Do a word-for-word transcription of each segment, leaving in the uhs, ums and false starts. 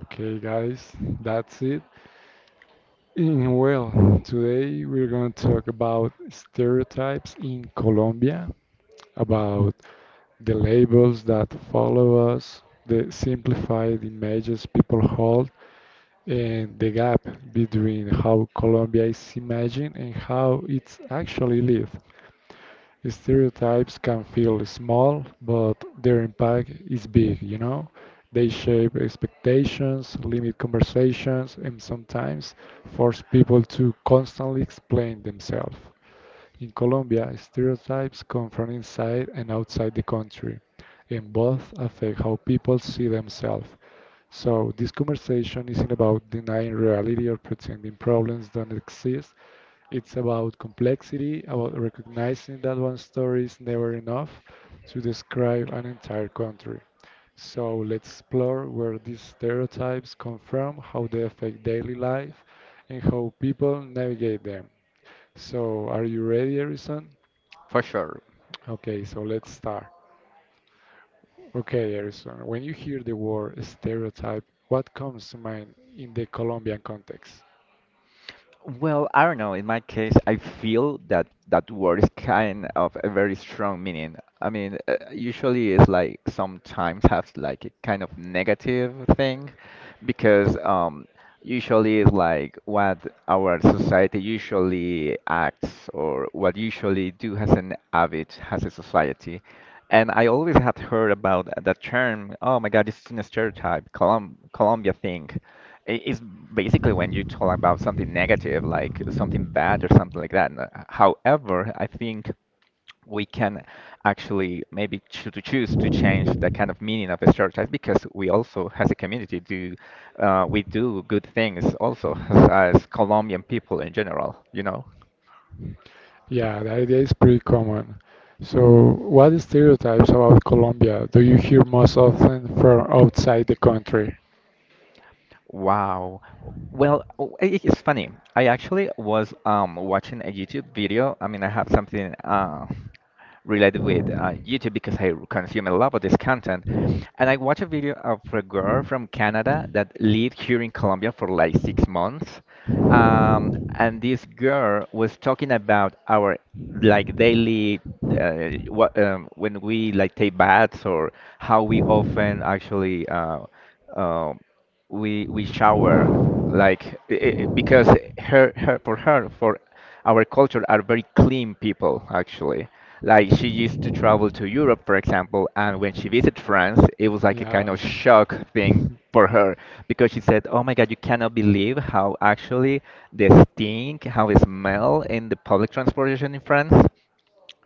Okay, guys, that's it. And well, Today we're going to talk about stereotypes in Colombia, about the labels that follow us, the simplified images people hold, and the gap between how Colombia is imagined and how it's actually lived. Stereotypes can feel small, but their impact is big, you know? They shape expectations, limit conversations, and sometimes force people to constantly explain themselves. In Colombia, stereotypes come from inside and outside the country, and both affect how people see themselves. So this conversation isn't about denying reality or pretending problems don't exist. It's about complexity, about recognizing that one story is never enough to describe an entire country. So let's explore where these stereotypes come from, how they affect daily life, and how people navigate them. So are you ready, Harrison? for sure. Okay, so let's start. Okay, Erison, when you hear the word stereotype, what comes to mind in the Colombian context? Well, I don't know. In my case, I feel that that word is kind of a very strong meaning. I mean, uh, usually it's like sometimes has like a kind of negative thing because um, usually it's like what our society usually acts or what usually do as an habit as a society. And I always had heard about that term. Oh my God, this is a stereotype, Colum Colombia thing i- is basically when you talk about something negative, like something bad or something like that. N- However, I think we can actually maybe choo- to choose to change the kind of meaning of a stereotype because we also, as a community, do uh, we do good things also as, as Colombian people in general, you know? Yeah, the idea is pretty common. So, what stereotypes about Colombia do you hear most often from outside the country? Wow. Well, w- i- it's funny. I actually was um, watching a YouTube video. I mean, I have something uh, related with uh, YouTube because I consume a lot of this content. And I watched a video of a girl from Canada that lived here in Colombia for like six months. Um, and this girl was talking about our like daily uh, what um, when we like take baths or how we often actually uh, um we we shower like i i because her her for her for our culture are very clean people actually. Like she used to travel to Europe, for example, and when she visited France, it was like a kind Yeah. of shock thing for her because she said, "Oh my God, you cannot believe how actually the stink, how it smell in the public transportation in France."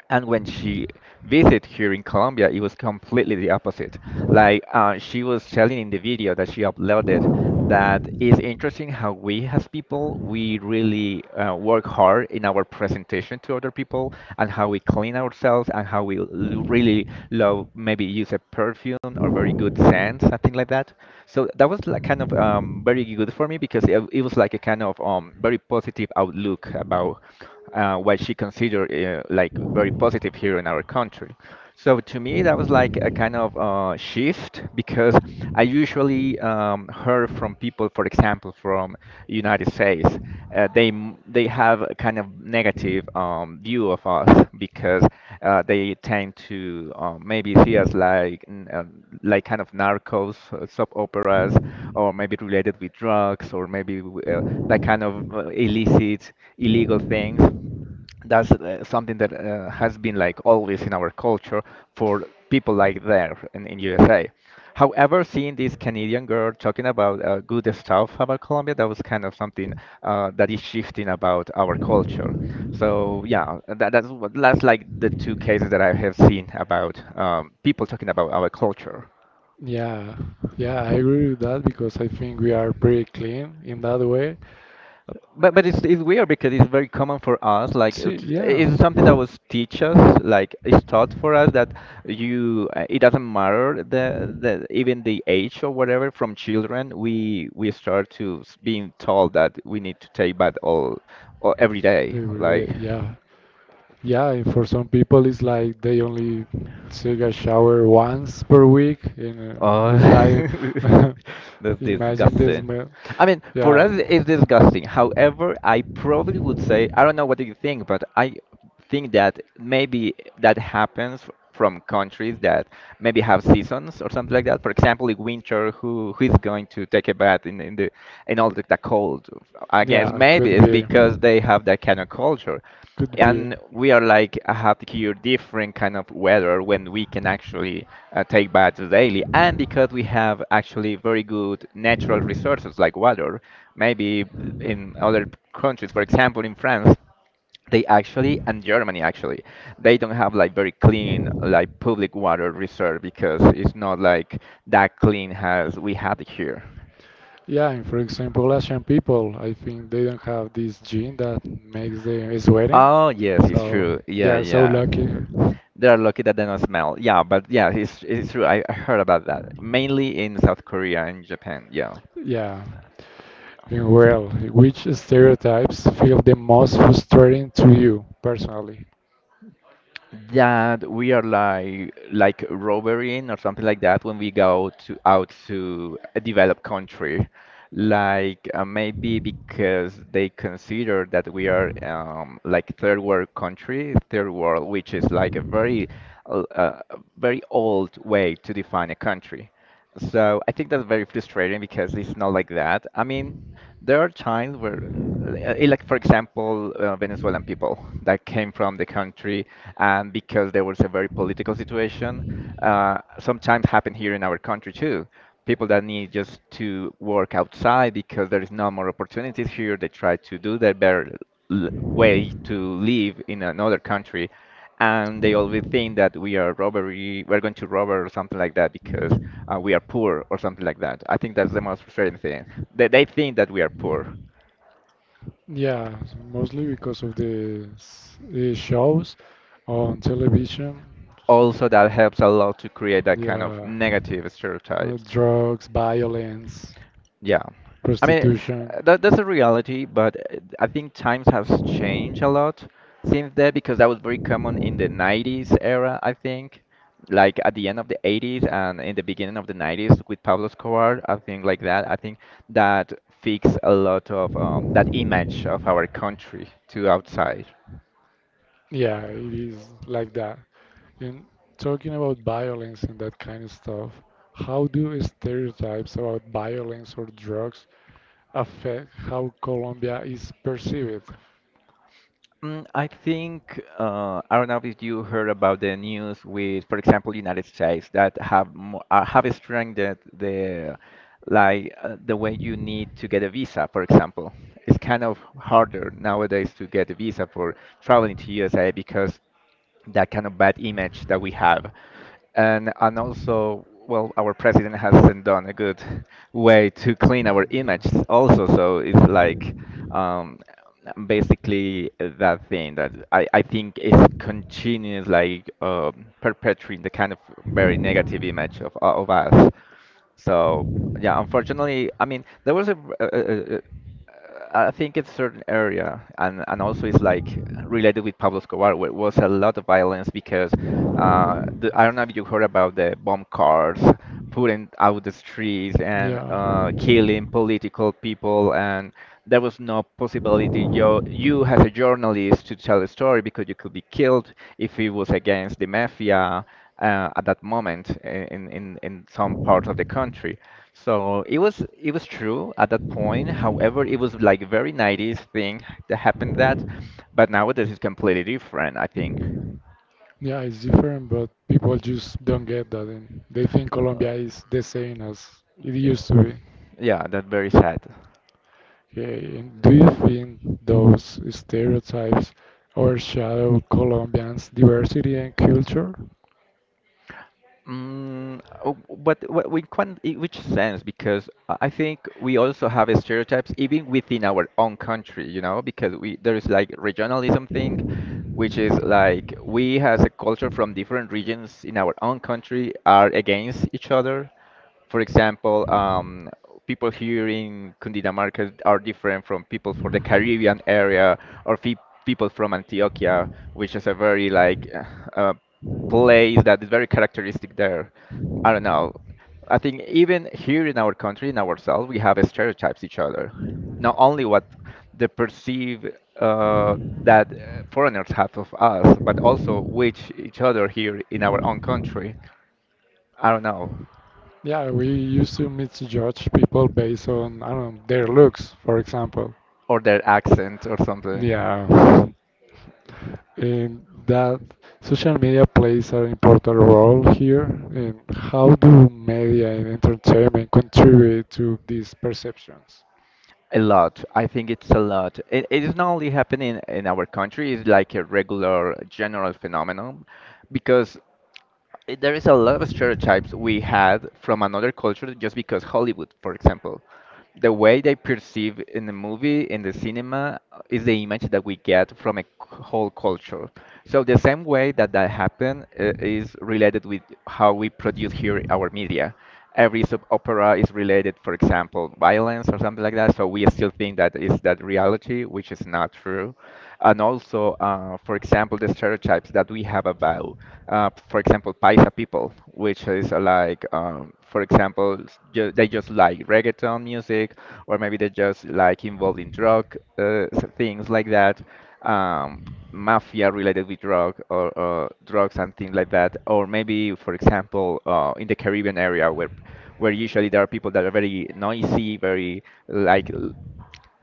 And when she visited here in Colombia, it was completely the opposite. Like uh, she was telling in the video that she uploaded that it's interesting how we as people we really uh, work hard in our presentation to other people and how we clean ourselves and how we l- really love maybe use a perfume or very good scent something like that. So that was like kind of um, very good for me because it, it was like a kind of um, very positive outlook about uh, what she considered uh, like very positive here in our country. So to me, that was like a kind of uh, shift because I usually um, heard from people, for example, from United States, uh, they m- they have a kind of negative um, view of us because uh, they tend to um, maybe see us like n- um, like kind of narcos, uh, soap operas, or maybe related with drugs, or maybe w- uh, that kind of uh, illicit, illegal things that's uh, something that uh, has been like always in our culture for people like there in, in U S A. However, seeing this Canadian girl talking about uh, good stuff about Colombia, that was kind of something uh, that is shifting about our culture. So yeah, that, that's what, that's like the two cases that I have seen about um, people talking about our culture. Yeah, yeah, I agree with that because I think we are pretty clean in that way. But but it's it's weird because it's very common for us. Like See, it- yeah. it's something that was teach us, like it's taught for us that you uh, it doesn't matter the the even the age or whatever. From children, we we start to s- being told that we need to take bath all, all every day. They were, uh, Like yeah, yeah. and For some people, it's like they only take a shower once per week, and uh, it's like oh, that's imagine the disgusting. smell. I mean, for Yeah. us, it's disgusting. However, I probably would say, I don't know what do you think, but I think that maybe that happens f- from countries that maybe have seasons or something like that. For example, in winter, who who is going to take a bath in, in the in all the, the cold? I Yeah, guess maybe could it's be. because they have that kind of culture Could be. and we are like uh, have here different kind of weather when we can actually uh, take baths daily and because we have actually very good natural resources like water maybe in other countries, for example in France, they actually, and Germany actually, they don't have like very clean like public water reserve because it's not like that clean as we have it here. Yeah, and for example, Asian people, I think they don't have this gene that makes them sweating. Oh yes, it's So true. they Yeah, are so yeah. lucky. They are lucky that they don't smell. Yeah, but yeah, it's it's true. I I heard about that. Mainly in South Korea and Japan. Yeah. Yeah. And well, which stereotypes feel the most frustrating to you personally? That we are like like robbering or something like that when we go to out to a developed country like uh, maybe because they consider that we are um, like third world country third world which is like a very uh, uh, very old way to define a country. So I think that's very frustrating because it's not like that. I mean, there are times where, uh, like for example, uh, Venezuelan people that came from the country and because there was a very political situation, uh, sometimes happen here in our country too. People that need just to work outside because there is no more opportunities here, they try to do their better l- way to live in another country, and they always think that we are robbery, we're going to rob or something like that because uh, we are poor or something like that. I think that's the most frustrating thing. They, they think that we are poor Yeah, mostly because of the s- the shows on television. also that helps a lot to create that kind of Yeah. negative Uh, stereotypes. drugs, violence. Yeah. I mean, Prostitution. uh, that that's a reality, but uh, I think times has changed a lot since then because that was very common in the nineties era, I think. Like at the end of the eighties and in the beginning of the nineties with Pablo Escobar, I think like that. I think that fixed a lot of um, that image of our country to outside. Yeah, it is like that. And talking about violence and that kind of stuff, how do stereotypes about violence or drugs affect how Colombia is perceived? Mm, I think uh, I don't know if you heard about the news with, for example, United States that have mo- uh, have strengthened the like uh, the way you need to get a visa. For example, it's kind of harder nowadays to get a visa for traveling to U S A because that kind of bad image that we have, and and also well our president hasn't done a good way to clean our image also, so it's like um basically that thing that i i think is continuous like um perpetuating the kind of very negative image of uh, of us. So yeah, unfortunately, I mean there was a, a, I think it's certain area, and and also it's like related with Pablo Escobar, where it was a lot of violence because uh, the, I don't know if you heard about the bomb cars putting out the streets and Yeah. uh, killing political people, and there was no possibility you you as a journalist to tell a story because you could be killed if it was against the mafia uh, at that moment in in in some parts of the country. So it was it was true at that point. However, it was like a very nineties thing that happened that, but nowadays it's completely different, I think. Yeah. Yeah, it's different, but people just don't get that, and they think Uh, Colombia is the same as it used to be. yeah, that's very sad. Okay, and do you think those stereotypes overshadow Colombians' diversity and culture? Mm, oh, but wh- we can, in which sense? Because I I think we also have stereotypes even within our own country, you know, because we there is like regionalism thing, which is like we as a culture from different regions in our own country are against each other. For example, um, people here in Cundinamarca are different from people from the Caribbean area or fe- people from Antioquia, which is a very like uh, uh, place that is very characteristic there. I don't know. I think even here in our country, in ourselves, we have stereotypes each other. Not only what the perceive uh, that uh, foreigners have of us, but also which each other here in our own country. I don't know. Yeah, we used to misjudge people based on, I don't know, their looks, for example. Or their accent or something. Yeah. And that social media plays an important role here. And how do media and entertainment contribute to these perceptions? A lot. I think it's a lot. It, it is not only happening in our country, it's like a regular general phenomenon because i- there is a lot of stereotypes we had from another culture just because Hollywood, for example. The way they perceive in the movie, in the cinema, uh, is the image that we get from a c- whole culture. So the same way that that happened uh, is related with how we produce here our media. Every sub opera is related, for example, violence or something like that. So we still think that is that reality, which is not true. And also, uh, for example, the stereotypes that we have about, uh, for example, Paisa people, which is uh, like, um, for example, ju they just like reggaeton music, or maybe they just like involved in drug uh, s- things like that, um, mafia related with drug or uh, drugs and things like that. Or maybe, for example, uh, in the Caribbean area where where usually there are people that are very noisy, very like l-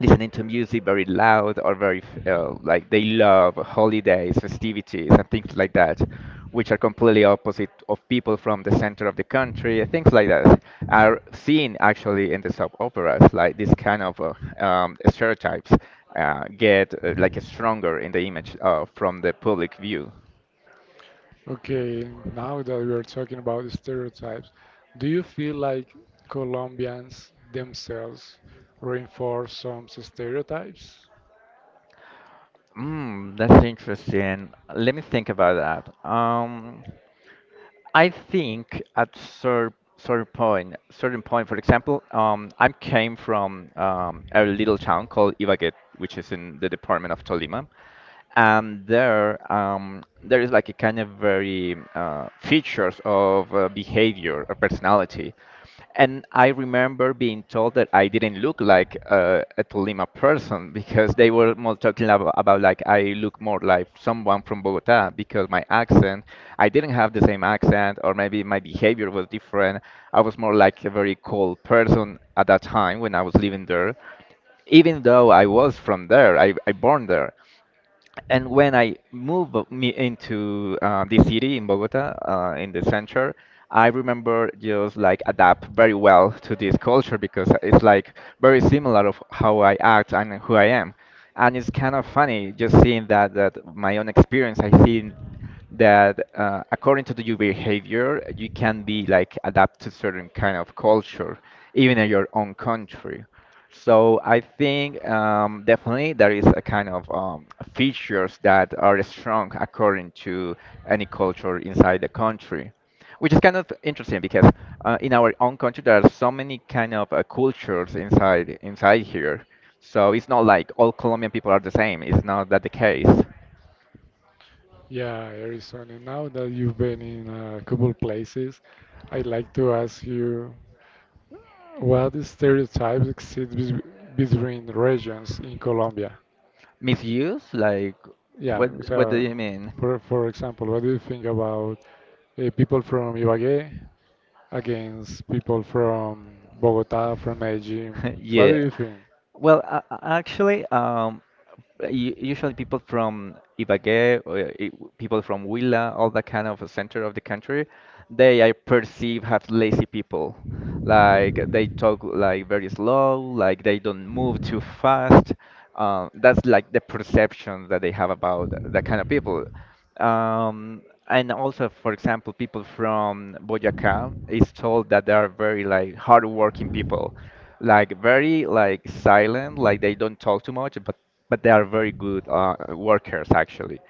listening to music very loud, or very f- uh, like they love holidays, festivities, and things like that, which are completely opposite of people from the center of the country. Things like that are seen actually in the soap operas. Like this kind of uh, um, stereotypes uh, get uh, like stronger in the image uh, from the public view. Okay, now that we are talking about stereotypes, do you feel like Colombians themselves reinforce some stereotypes? Mm, that's interesting. Let me think about that. Um, I think at cer certain point, certain point, for example, um, I came from um, a little town called Ibagué, which is in the department of Tolima. And there, um, there is like a kind of very uh, features of uh, behavior or personality. And I remember being told that I didn't look like uh, a Tolima person, because they were more talking about, about like I look more like someone from Bogota, because my accent, I didn't have the same accent, or maybe my behavior was different. I was more like a very cold person at that time when I was living there, even though I was from there. I, I born there. And when I moved me into uh, the city in Bogota, uh, in the center, I remember just like adapt very well to this culture, because it's like very similar of how I act and who I am. And it's kind of funny just seeing that that my own experience, I see that uh, according to your behavior, you can be like adapt to certain kind of culture, even in your own country. So I think um, definitely there is a kind of um, features that are strong according to any culture inside the country, which is kind of interesting because uh, in our own country there are so many kind of uh, cultures inside inside here. So it's not like all Colombian people are the same. It's not that the case. Yeah, Arizona, now that you've been in a couple places, I'd like to ask you, what stereotypes exist bes- between regions in Colombia? Misuse? Like, Yeah, what what do so you mean? for, for example, what do you think about uh, people from Ibagué against people from Bogota, from Medellin? What do Yeah. you think? Well, uh, actually, um, Uh, u- usually people from Ibagué, or, uh, i- people from Huila, all that kind of center of the country, they I perceive have lazy people. Like they talk like very slow, like they don't move too fast. Um, that's like the perception that they have about that kind of people. Um, and also, for example, people from Boyacá is told that they are very like hardworking people, like very like silent, like they don't talk too much, but but they are very good uh, workers actually.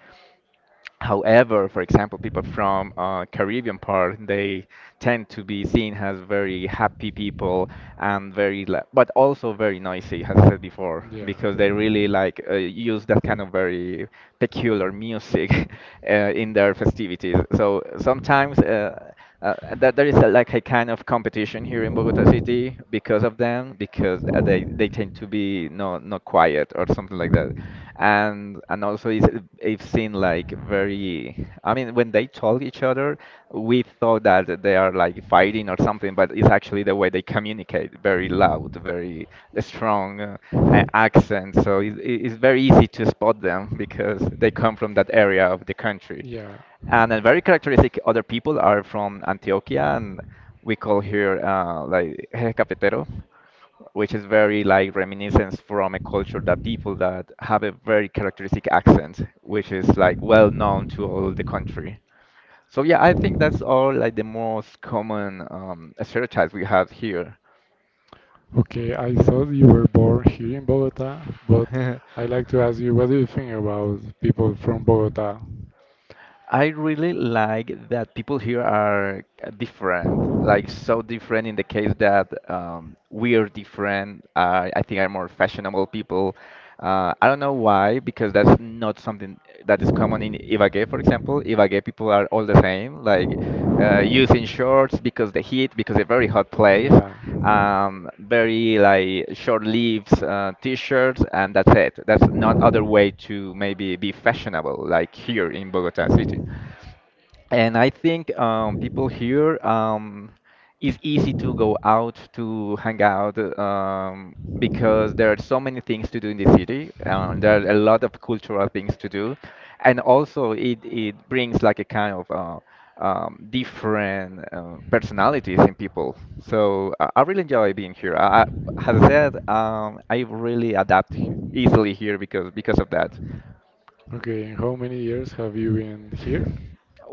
However, for example, people from uh, Caribbean part, they tend to be seen as very happy people and very, la- but also very noisy, as I said before, Yeah. because they really like uh, use that kind of very peculiar music uh, in their festivities. So sometimes uh, uh, that there is a, like a kind of competition here in Bogota City because of them, because uh, they they tend to be no not quiet or something like that. And and also it's, it seen like very, I mean, when they talk each other, we thought that they are like fighting or something, but it's actually the way they communicate, very loud, very strong uh, a- accent. So it, it- it's very easy to spot them because they come from that area of the country. Yeah. And then very characteristic, other people are from Antioquia, and we call here uh, like Eje Cafetero, which is very like reminiscence from a culture, that people that have a very characteristic accent, which is like well known to all the country. So yeah, I think that's all like the most common um, stereotypes we have here. Okay, I thought you were born here in Bogota, but I'd like to ask you, what do you think about people from Bogota? I really like that people here are uh, different, like so different, in the case that um, we are different. Uh, I think are more fashionable people. Uh, I don't know why, because that's not something that is common in Ibagué, for example. Ibagué people are all the same, like uh, using shorts because the heat, because it's a very hot place, Yeah. um, very like short sleeves uh, t-shirts, and that's it. That's not other way to maybe be fashionable like here in Bogota city. And I think um, people here, um, it's easy to go out to hang out, um, because there are so many things to do in the city. Um, there are a lot of cultural things to do, and also it it brings like a kind of uh, um, different uh, personalities in people. So I, I really enjoy being here. I, I- as I said, um, I really adapt he- easily here because because of that. Okay, and how many years have you been here?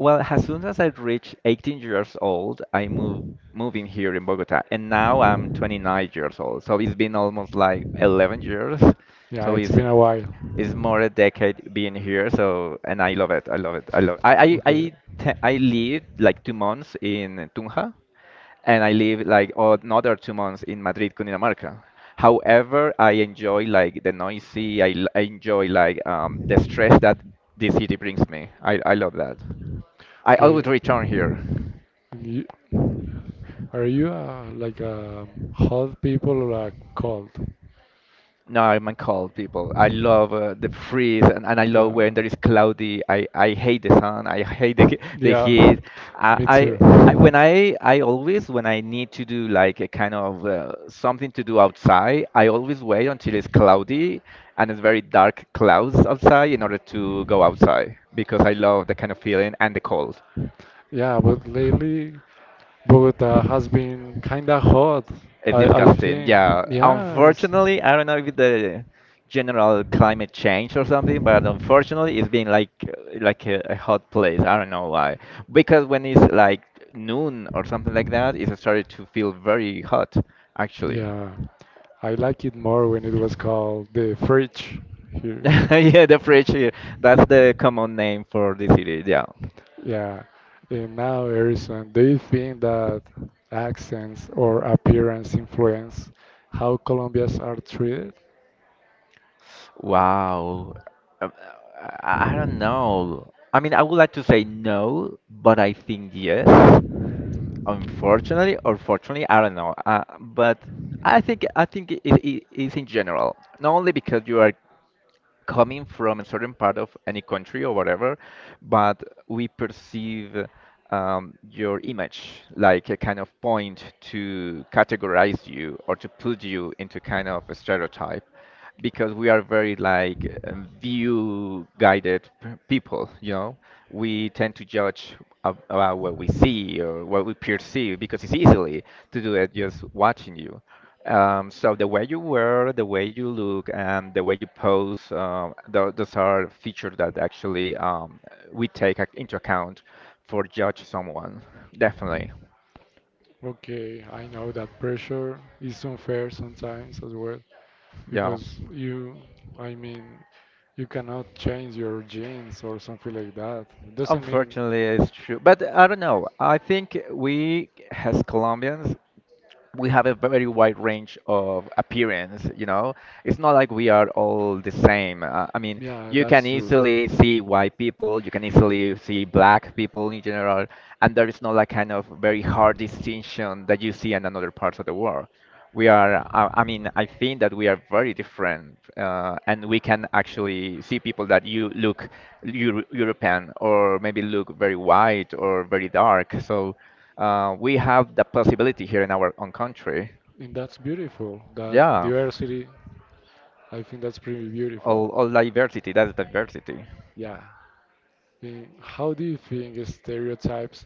Well, as soon as I reached eighteen years old, I moved moving here in Bogota, and now I'm twenty-nine years old. So it's been almost like eleven years. Yeah, So it's it's been a while. it's more a decade being here. So and I love it. I love it. I love. I I I, Okay. te- I lived like two months in Tunja, and I live like another two months in Madrid, Cundinamarca. However, I enjoy like the noisy. I, l- I enjoy like um, the stress that the city brings me. I, I love that. I always Okay. return here. And you, are you uh, like a hot people or a cold? No, I'm a cold people. I love uh, the freeze, and, and I love Yeah. when there is cloudy. I, I hate the sun. I hate the, the Yeah, heat. I, me too. I, I when I I always when I need to do like a kind of uh, something to do outside, I always wait until it's cloudy and it's very dark clouds outside in order to go outside, because I love the kind of feeling and the cold. Yeah, but lately Bogota has been kinda hot. It's I I disgusting. think. Yeah. Yeah, it's, Unfortunately, I don't know if the general climate change or something, but unfortunately, it's been like like a, a hot place. I don't know why. Because when it's like noon or something like that, it started to feel very hot, actually. yeah. I like it more when it was called the fridge here. Yeah, the fridge here. That's the common name for the city. Yeah. Yeah. And now, Harrison, do you think that accents or appearance influence how Colombians are treated? Wow. Um, I, I don't know. I mean, I would like to say no, but I think yes. Unfortunately or fortunately, I don't know. Uh, but I think I think it, it is in general, not only because you are coming from a certain part of any country or whatever, but we perceive um, your image like a kind of point to categorize you, or to put you into kind of a stereotype, because we are very like um, view guided people, you know, we tend to judge ab- about what we see or what we perceive, because it's easily to do it just watching you. Um, so the way you wear, the way you look, and the way you pose, um, tho- those are features that actually um, we take ac- into account for judge someone. Definitely, Okay, I know that pressure is unfair sometimes as well yeah. because you, I mean, you cannot change your genes or something like that. It doesn't mean, Unfortunately, it's true. But I don't know. I think we, as Colombians, we have a very wide range of appearance, you know. It's not like we are all the same, uh, I mean, yeah, you that's can true. easily see white people, you can easily see black people in general. And there is not like kind of very hard distinction that you see in another parts of the world. We are uh, I mean, I think that we are very different, uh, and we can actually see people that you look Euro- european, or maybe look very white or very dark. So uh, we have the possibility here in our own country. And that's beautiful. That Yeah, diversity, I think that's pretty all, beautiful. all diversity, that's diversity. Yeah. And how do you think stereotypes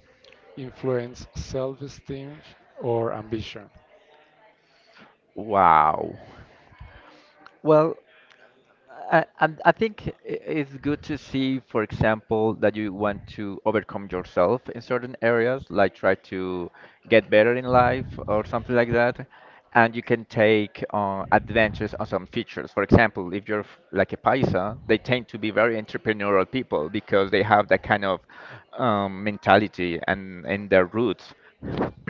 influence self-esteem or ambition? Wow. Well, I, I, I think i- it's good to see, for example, that you want to overcome yourself in certain areas, like try to get better in life or something like that. And you can take uh, adventures on some features. For example, if you're f- like a paisa, they tend to be very entrepreneurial people because they have that kind of um, mentality and in their roots.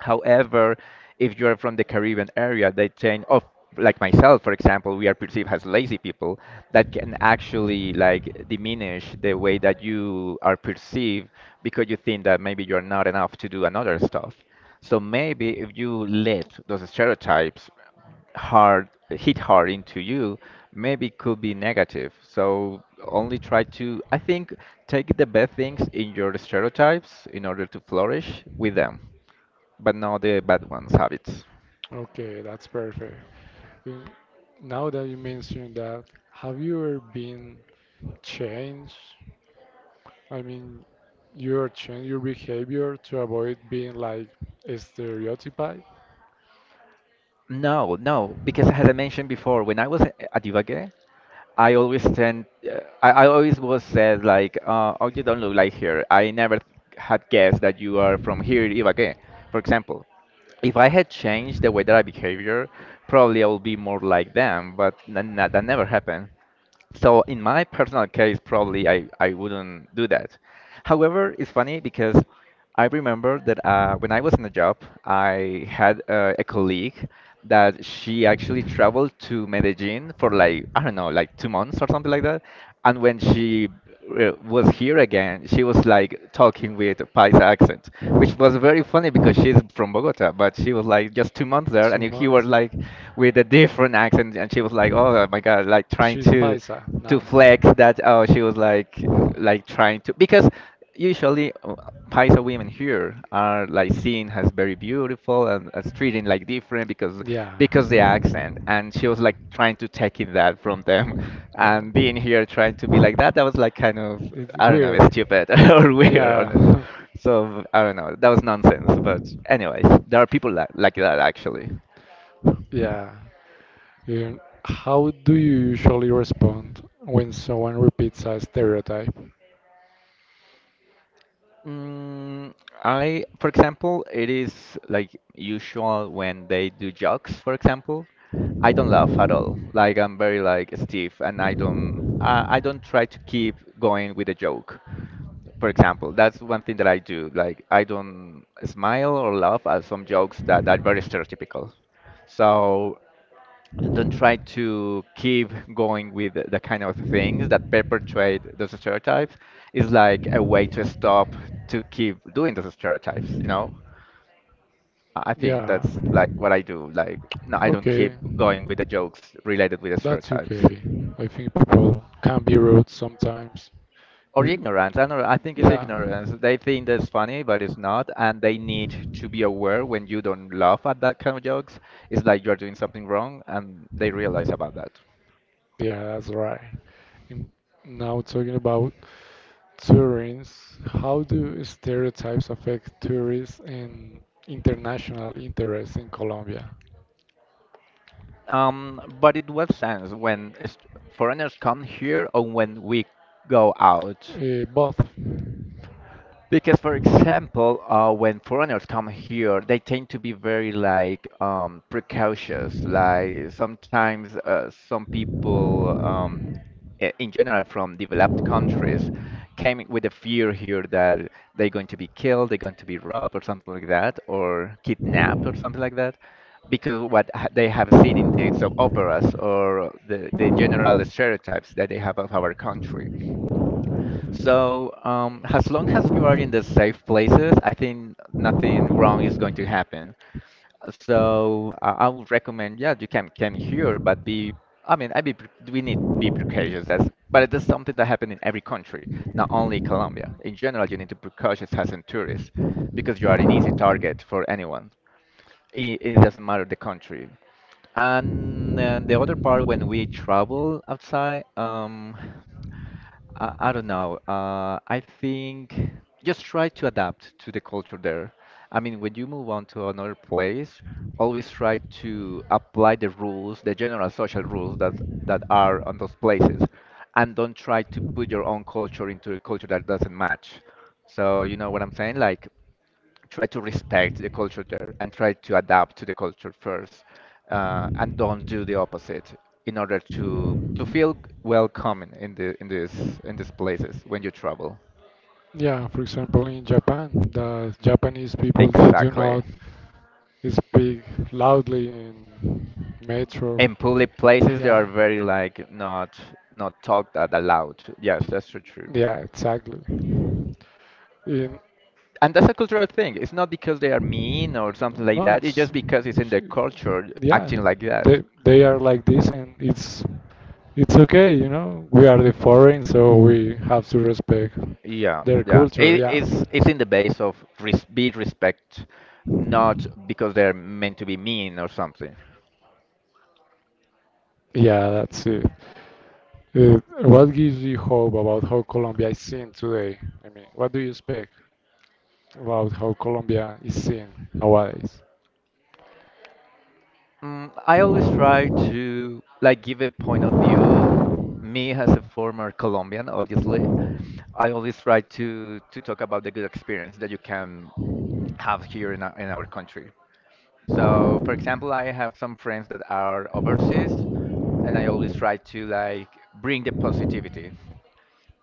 However, if you are from the Caribbean area, they tend, oh, like myself, for example, we are perceived as lazy people. That can actually like diminish the way that you are perceived, because you think that maybe you're not enough to do another stuff. So maybe if you let those stereotypes hard hit hard into you, maybe it could be negative. So only try to, I think, take the bad things in your stereotypes in order to flourish with them, but not the bad ones habits. Okay, that's perfect. You- Now that you mentioned that, have you ever been changed I mean, you change your behavior to avoid being like stereotyped. No, no, because as I mentioned before, when I was a- at Ibagué, I always tend, uh, I, I always was said like, uh, oh, you don't look like here. I never had guessed that you are from here, Ibagué, for example. If I had changed the way that I behavior, probably I would be more like them, but n- n- that never happened. So in my personal case, probably I, I wouldn't do that. However, it's funny because I remember that uh, when I was in a job, I had uh, a colleague that she actually traveled to Medellin for like, I don't know, like two months or something like that. And when she uh, was here again. She was like talking with a Paisa accent, which was very funny because she's from Bogota, but she was like just two months Months, there, and he was Bogota like like, with a different accent, and she was like, oh my God, like trying this to paisa. to flex that. Oh, she was like like trying to because usually uh, paisa women here are like seen as very beautiful and as treating like different because Yeah. because the accent, and she was like trying to take in that from them Wow. and being here trying to be like that, that was like kind of It's I don't know, weird. stupid or weird or not. Yeah, So I don't know, that was nonsense, but anyways there are people like like that actually. yeah. You- how do you usually respond when someone repeats a stereotype? Mm, I, for example, it is like usual when they do jokes, for example. I don't laugh at all. Like I'm very like stiff, and I don't I, I don't try to keep going with a joke. For example, that's one thing that I do. Like I don't smile or laugh at some jokes that are very stereotypical. So don't try to keep going with the the kind of things that perpetuate those stereotypes. It's like a way to stop to keep doing those stereotypes, you know i I think Yeah, that's like what I do, like no, I don't okay. keep going with the jokes related with the That's stereotypes okay. I think people can be rude sometimes. or You- ignorance, I don't know, I think it's Yeah. ignorance. They think that's funny but it's not, and they need to be aware. When you don't laugh at that kind of jokes, it's like you're doing something wrong, and they realize about that. Yeah, that's right. And now talking about tourists, how do stereotypes affect tourists and international interest in Colombia? Um, but it was sense when est- foreigners come here or when we go out. Uh, both. Because, for example, uh, when foreigners come here, they tend to be very like um, precautious. Like sometimes uh, some people, um, i- in general, from developed countries, came with a fear here that they're going to be killed, they're going to be robbed, or something like that, or kidnapped, or something like that, because what ha- they have seen in the soap operas or the, the general stereotypes that they have of our country. So, um, as long as you are in the safe places, I think nothing wrong is going to happen. Uh, So, I I would recommend, yeah, you can come here, but be, I mean, I be, pre- we need be precautious. That's, but it is something that happens in every country, not only Colombia. In general, you need to be precautious as a tourist because you are an easy target for anyone. It, it doesn't matter the country. And, uh the other part, when we travel outside, um. I, I don't know. Uh, I think just try to adapt to the culture there. I mean, when you move on to another place, always try to apply the rules, the general social rules that that are on those places, and don't try to put your own culture into a culture that doesn't match. So you know what I'm saying? Like try to respect the culture there and try to adapt to the culture first, uh, and don't do the opposite in order to to feel welcome in the in this in these places when you travel. Yeah, for example, in Japan, the Japanese people they do Exactly. not speak loudly in metro. In public places they Yeah, are very like not not talked that aloud, yes, that's so true. yeah, exactly. In And that's a cultural thing, it's not because they are mean or something like no, that, it's it's just because it's in their culture yeah. acting like They that. they are like this, and it's it's okay, you know. We are the foreign, so we have to respect Yeah, their yeah. culture. It, Yeah. it's it's in the base of res be respect, not because they're meant to be mean or something. Yeah, that's it. Uh, what gives you hope about how Colombia is seen today? I mean, what do you expect about how Colombia is seen nowadays? Mm, I always try to like give a point of view. Me as a former Colombian, obviously, I always try to to talk about the good experience that you can have here in our, in our country. So, for example, I have some friends that are overseas, and I always try to like bring the positivity.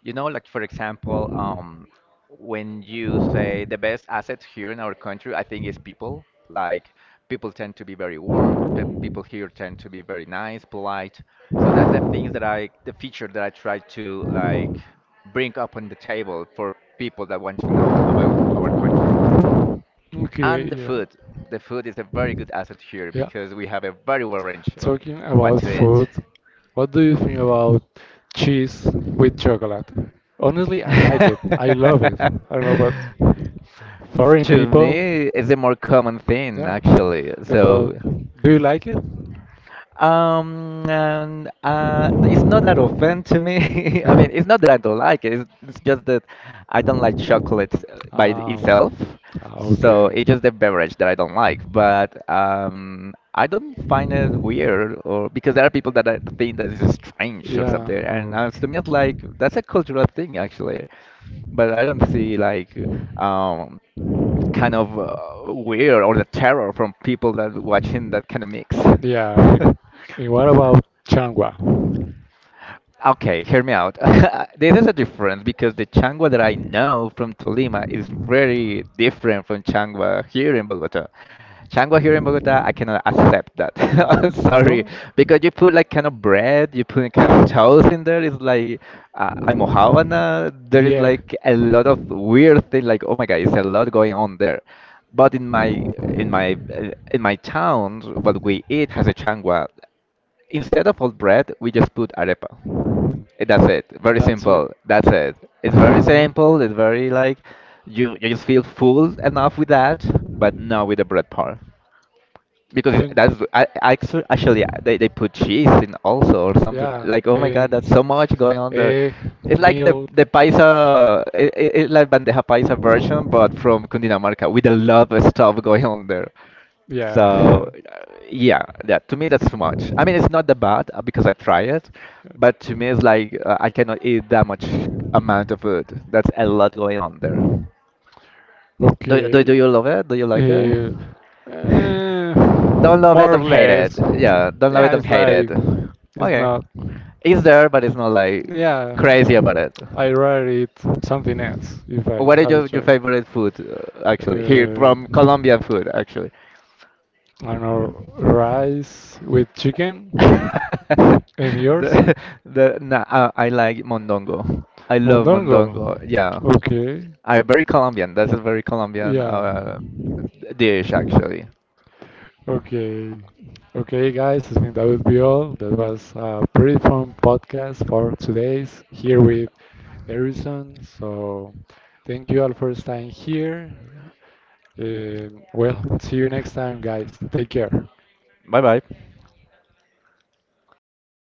You know, like for example, um, when you say the best asset here in our country, I think is people. Like people tend to be very warm. Pe People here tend to be very nice, polite. So that's the things that I, the feature that I try to like bring up on the table for people that want to know about our country. Okay, And the yeah. food. The food is a very good asset here Yeah. because we have a very wide range of Talking what about to eat. food, what do you think about cheese with chocolate? Honestly, I like it. I love it. I don't know what foreign To people, me, it's a more common thing yeah. actually. But So, do you like it? um, and uh, n- it's not that often to me. I mean, um, it's not that I don't like it. It's, it's just that I don't like chocolates uh, by ah, itself. So okay. it's just the beverage that I don't like. But um, I don't find it weird, or because there are people that I think that is strange or Yeah. something. And Or, uh, to yeah. me, it's like that's a cultural thing actually. But I don't see like. um Kind of uh, weird or the terror from people that watching that kind of mix. And and what about Changwa? Okay, hear me out. This is a difference because the changua that I know from Tolima is very different from changua here in Bogota. Changua here in Bogota, I cannot accept that. Mm, Sorry, no, because you put like kind of bread, you put kind of toast in there. It's like uh, almojábana. There the is egg. like a lot of weird thing. Like oh my god, it's a lot going on there. But in my in my uh, in my town, what we eat has a changua. Instead of old bread, we just put arepa. Eh, that's it. Very That's it. simple. That's it. It's very simple. It's very like you you just feel full enough with that, but not with the bread part because Don't. that's I, I actu- actually uh, they, they put cheese in also or something, Yeah, like oh my god, and that's so much going on there. egg, It's like the milk. the paisa it, it, it's like bandeja paisa version but from Cundinamarca with a lot of stuff going on there. Yeah. So uh, yeah, that to me, that's too much. I mean, it's not that bad, uh, because I try it, but to me it's like, uh, I cannot eat that much amount of food. That's a lot going on there. do, do, Okay. Do you love it? Do you like it? Uh, uh, Don't love it, more or don't hate it. less. Yeah, don't love Yeah, it, don't it's hate like it. it's Okay. not. It's there, but it's not like Yeah, crazy about um, it. I rather eat something else if I What is have to your, your try. favorite food, uh, actually? Here Uh, from Colombian food, actually. I don't know, rice with chicken. And yours? The, the, nah, uh, I like mondongo. I love Mondongo. mondongo. Yeah. Okay. I very Colombian. That's a very Colombian Yeah. uh, dish, actually. Okay, okay, guys. I think that would be all. That was a pretty fun podcast for today's here with Harrison. So, thank you all for staying here. Uh, well, see you next time, guys. Take care. Bye bye.